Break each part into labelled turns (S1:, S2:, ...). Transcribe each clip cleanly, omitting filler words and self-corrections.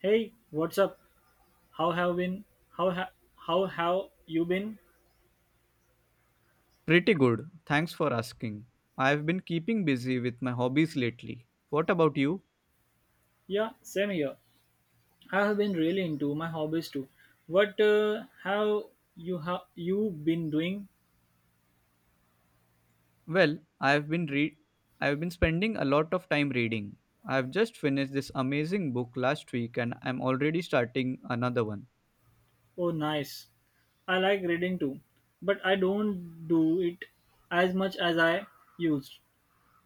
S1: Hey, what's up? How have been? How ha- how have you been?
S2: Pretty good. Thanks for asking. I've been keeping busy with my hobbies lately. What about you?
S1: Yeah, same here. I have been really into my hobbies too. What have you been doing?
S2: Well, I've been spending a lot of time reading. I've just finished this amazing book last week and I'm already starting another one.
S1: Oh, nice. I like reading too, but I don't do it as much as I used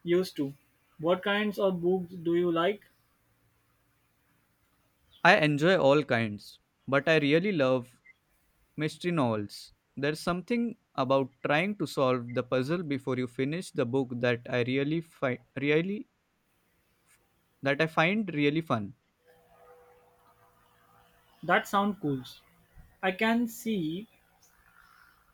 S1: used to. What kinds of books do you like?
S2: I enjoy all kinds, but I really love mystery novels. There's something about trying to solve the puzzle before you finish the book that I really fi- really that I find really fun.
S1: That sound cool. I can see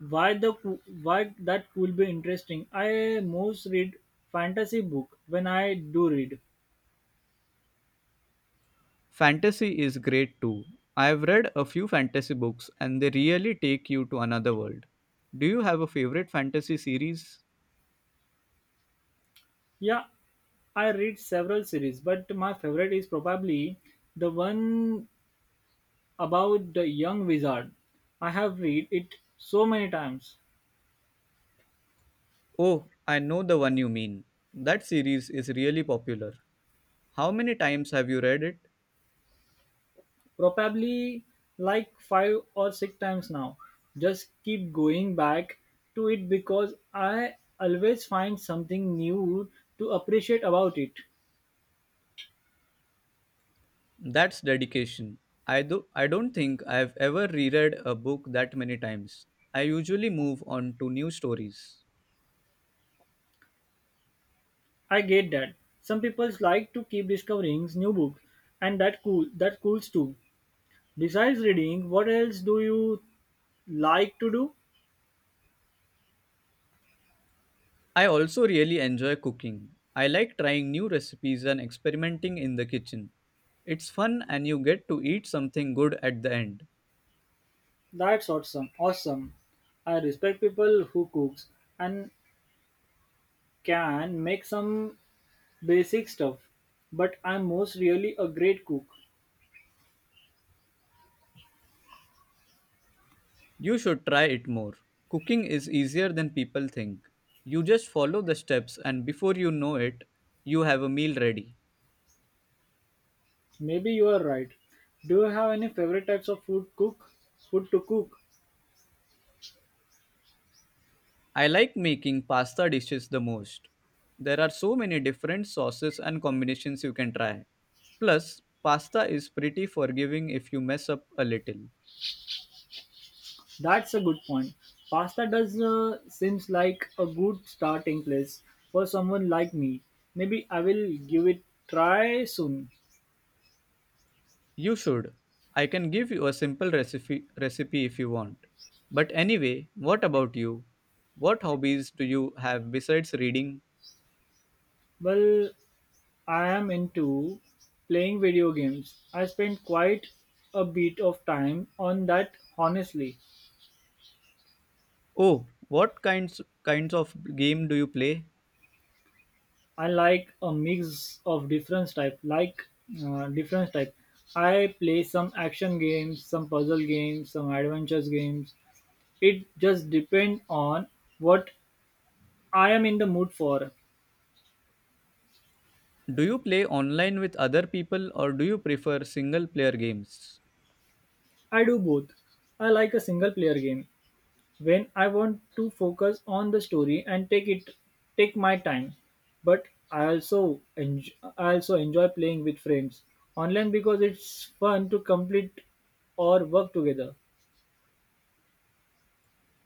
S1: Why that could be interesting. I most read fantasy book when I do read.
S2: Fantasy is great too. I've read a few fantasy books and they really take you to another world. Do you have a favorite fantasy series?
S1: Yeah, I read several series, but my favorite is probably the one about the young wizard. I have read it so many times,
S2: Oh, I know the one you mean. That series is really popular. How many times have you read it?
S1: probably like five or six times now. Just keep going back to it because I always find something new to appreciate about it.
S2: That's dedication. I don't think I've ever reread a book that many times. I usually move on to new stories.
S1: I get that. Some people like to keep discovering new books, and that cools too. Besides reading, what else do you like to do?
S2: I also really enjoy cooking. I like trying new recipes and experimenting in the kitchen. It's fun and you get to eat something good at the end.
S1: That's awesome. Awesome. I respect people who cooks and can make some basic stuff, but I'm most really a great cook.
S2: You should try it more. Cooking is easier than people think. You just follow the steps and before you know it, you have a meal ready.
S1: Maybe you are right. Do you have any favorite types of Food to cook?
S2: I like making pasta dishes the most. There are so many different sauces and combinations you can try. Plus, pasta is pretty forgiving if you mess up a little.
S1: That's a good point. Pasta does seems like a good starting place for someone like me. Maybe I will give it try soon.
S2: You should. I can give you a simple recipe if you want. But anyway, what about you? What hobbies do you have besides reading?
S1: Well, I am into playing video games. I spend quite a bit of time on that honestly.
S2: Oh, what kinds of game do you play?
S1: I like a mix of different type like different type. I play some action games, some puzzle games, some adventures games. It just depends on what I am in the mood for.
S2: Do you play online with other people or do you prefer single player games?
S1: I do both. I like a single player game when I want to focus on the story and take my time. But I also enjoy playing with friends online because it's fun to complete or work together.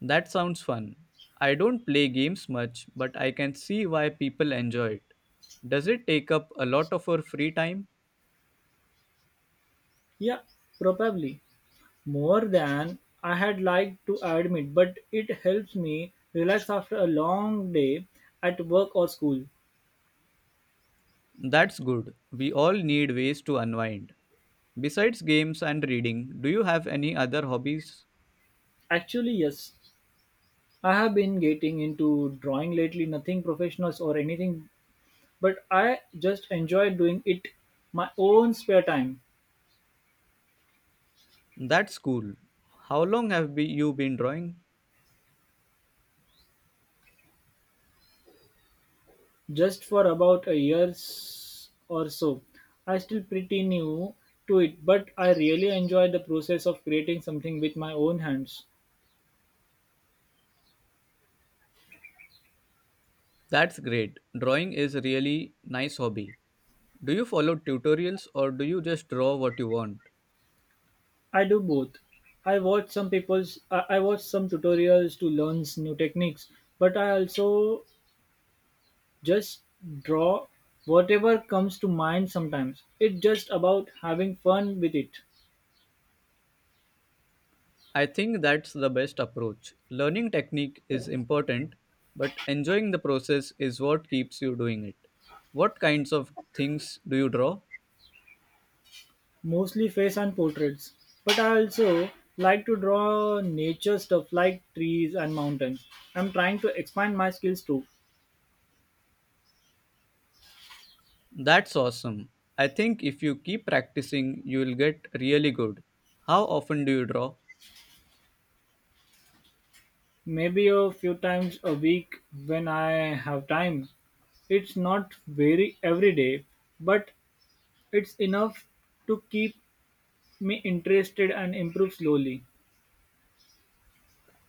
S2: That sounds fun. I don't play games much, but I can see why people enjoy it. Does it take up a lot of our free time?
S1: Yeah, probably more than I had liked to admit, but it helps me relax after a long day at work or school.
S2: That's good. We all need ways to unwind. Besides games and reading, do you have any other hobbies?
S1: Actually, yes, I have been getting into drawing lately, nothing professional or anything, but I just enjoy doing it my own spare time.
S2: That's cool. How long you been drawing?
S1: Just for about a year or so. I still pretty new to it, but I really enjoy the process of creating something with my own hands.
S2: That's great. Drawing is really nice hobby. Do you follow tutorials or do you just draw what you want?
S1: I do both. I watch some tutorials to learn new techniques, but I also Just draw whatever comes to mind sometimes. It's just about having fun with it.
S2: I think that's the best approach. Learning technique is important, but enjoying the process is what keeps you doing it. What kinds of things do you draw?
S1: Mostly face and portraits. But I also like to draw nature stuff like trees and mountains. I'm trying to expand my skills too.
S2: That's awesome. I think if you keep practicing, you will get really good. How often do you draw?
S1: Maybe a few times a week when I have time. It's not very every day, but it's enough to keep me interested and improve slowly.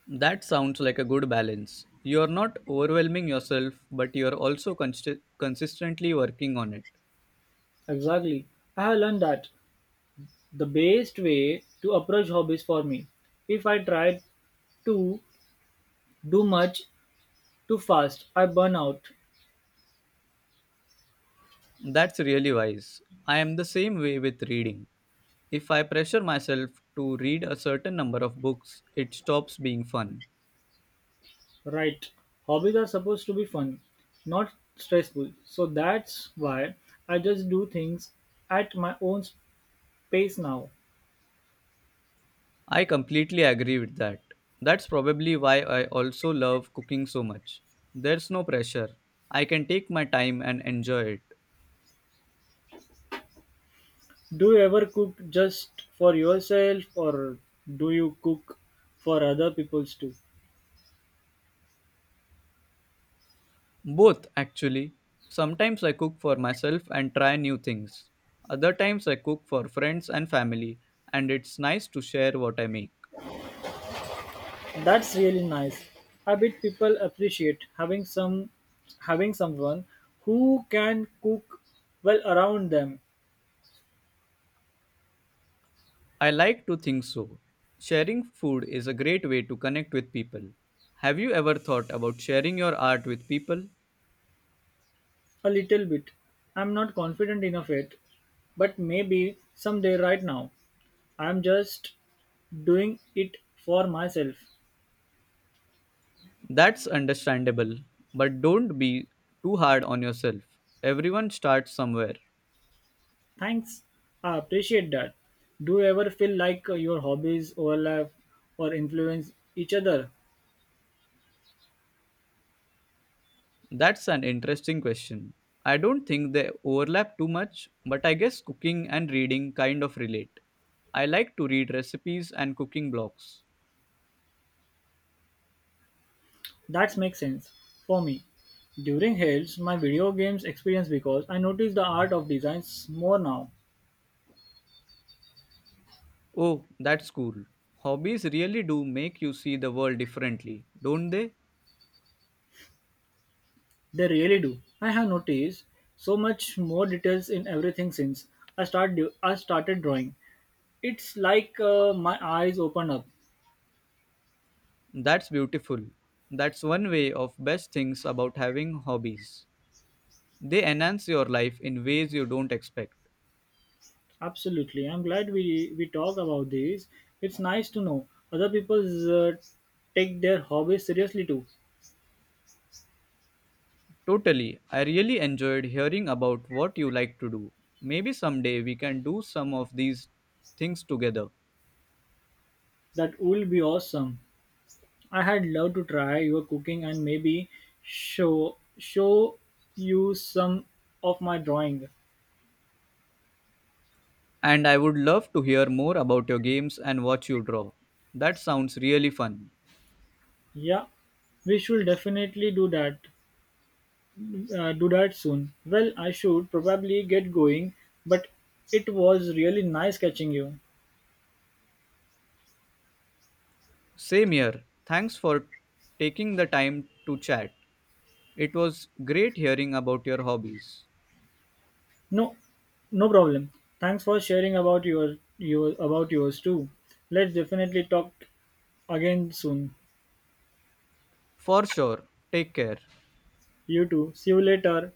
S2: That sounds like a good balance. You're not overwhelming yourself, but you're also consistently working on it.
S1: Exactly. I have learned that the best way to approach hobbies for me. If I try to do much too fast, I burn out.
S2: That's really wise. I am the same way with reading. If I pressure myself to read a certain number of books, it stops being fun.
S1: Right. Hobbies are supposed to be fun, not stressful. So that's why I just do things at my own pace now.
S2: I completely agree with that. That's probably why I also love cooking so much. There's no pressure. I can take my time and enjoy it.
S1: Do you ever cook just for yourself or do you cook for other people's too?
S2: Both, actually. Sometimes I cook for myself and try new things. Other times I cook for friends and family, and it's nice to share what I make.
S1: That's really nice. I bet people appreciate having someone who can cook well around them
S2: I like to think so. Sharing food is a great way to connect with people. Have you ever thought about sharing your art with people?
S1: a little bit. I'm not confident enough yet, but maybe someday right now. I'm just doing it for myself.
S2: That's understandable, but don't be too hard on yourself. Everyone starts somewhere.
S1: Thanks. I appreciate that. Do you ever feel like your hobbies overlap or influence each other?
S2: That's an interesting question. I don't think they overlap too much, but I guess cooking and reading kind of relate. I like to read recipes and cooking blogs.
S1: That makes sense. For me, during helps my video games experience because I notice the art of designs more now.
S2: Oh, that's cool. Hobbies really do make you see the world differently, don't they?
S1: They really do. I have noticed so much more details in everything since I started drawing. It's like my eyes open up.
S2: That's beautiful. That's one way of best things about having hobbies. They enhance your life in ways you don't expect.
S1: Absolutely. I'm glad we talk about this. It's nice to know other people uh, take their hobbies seriously too.
S2: Totally. I really enjoyed hearing about what you like to do. Maybe someday we can do some of these things together.
S1: That will be awesome. I had loved to try your cooking and maybe show you some of my drawing.
S2: And I would love to hear more about your games and what you draw. That sounds really fun.
S1: Yeah, we should definitely do that. Do that soon. Well, I should probably get going, but it was really nice catching you.
S2: Same here. Thanks for taking the time to chat. It was great hearing about your hobbies.
S1: No, no problem. Thanks for sharing about your about yours too. Let's definitely talk again soon.
S2: For sure. Take care.
S1: You too. See you later.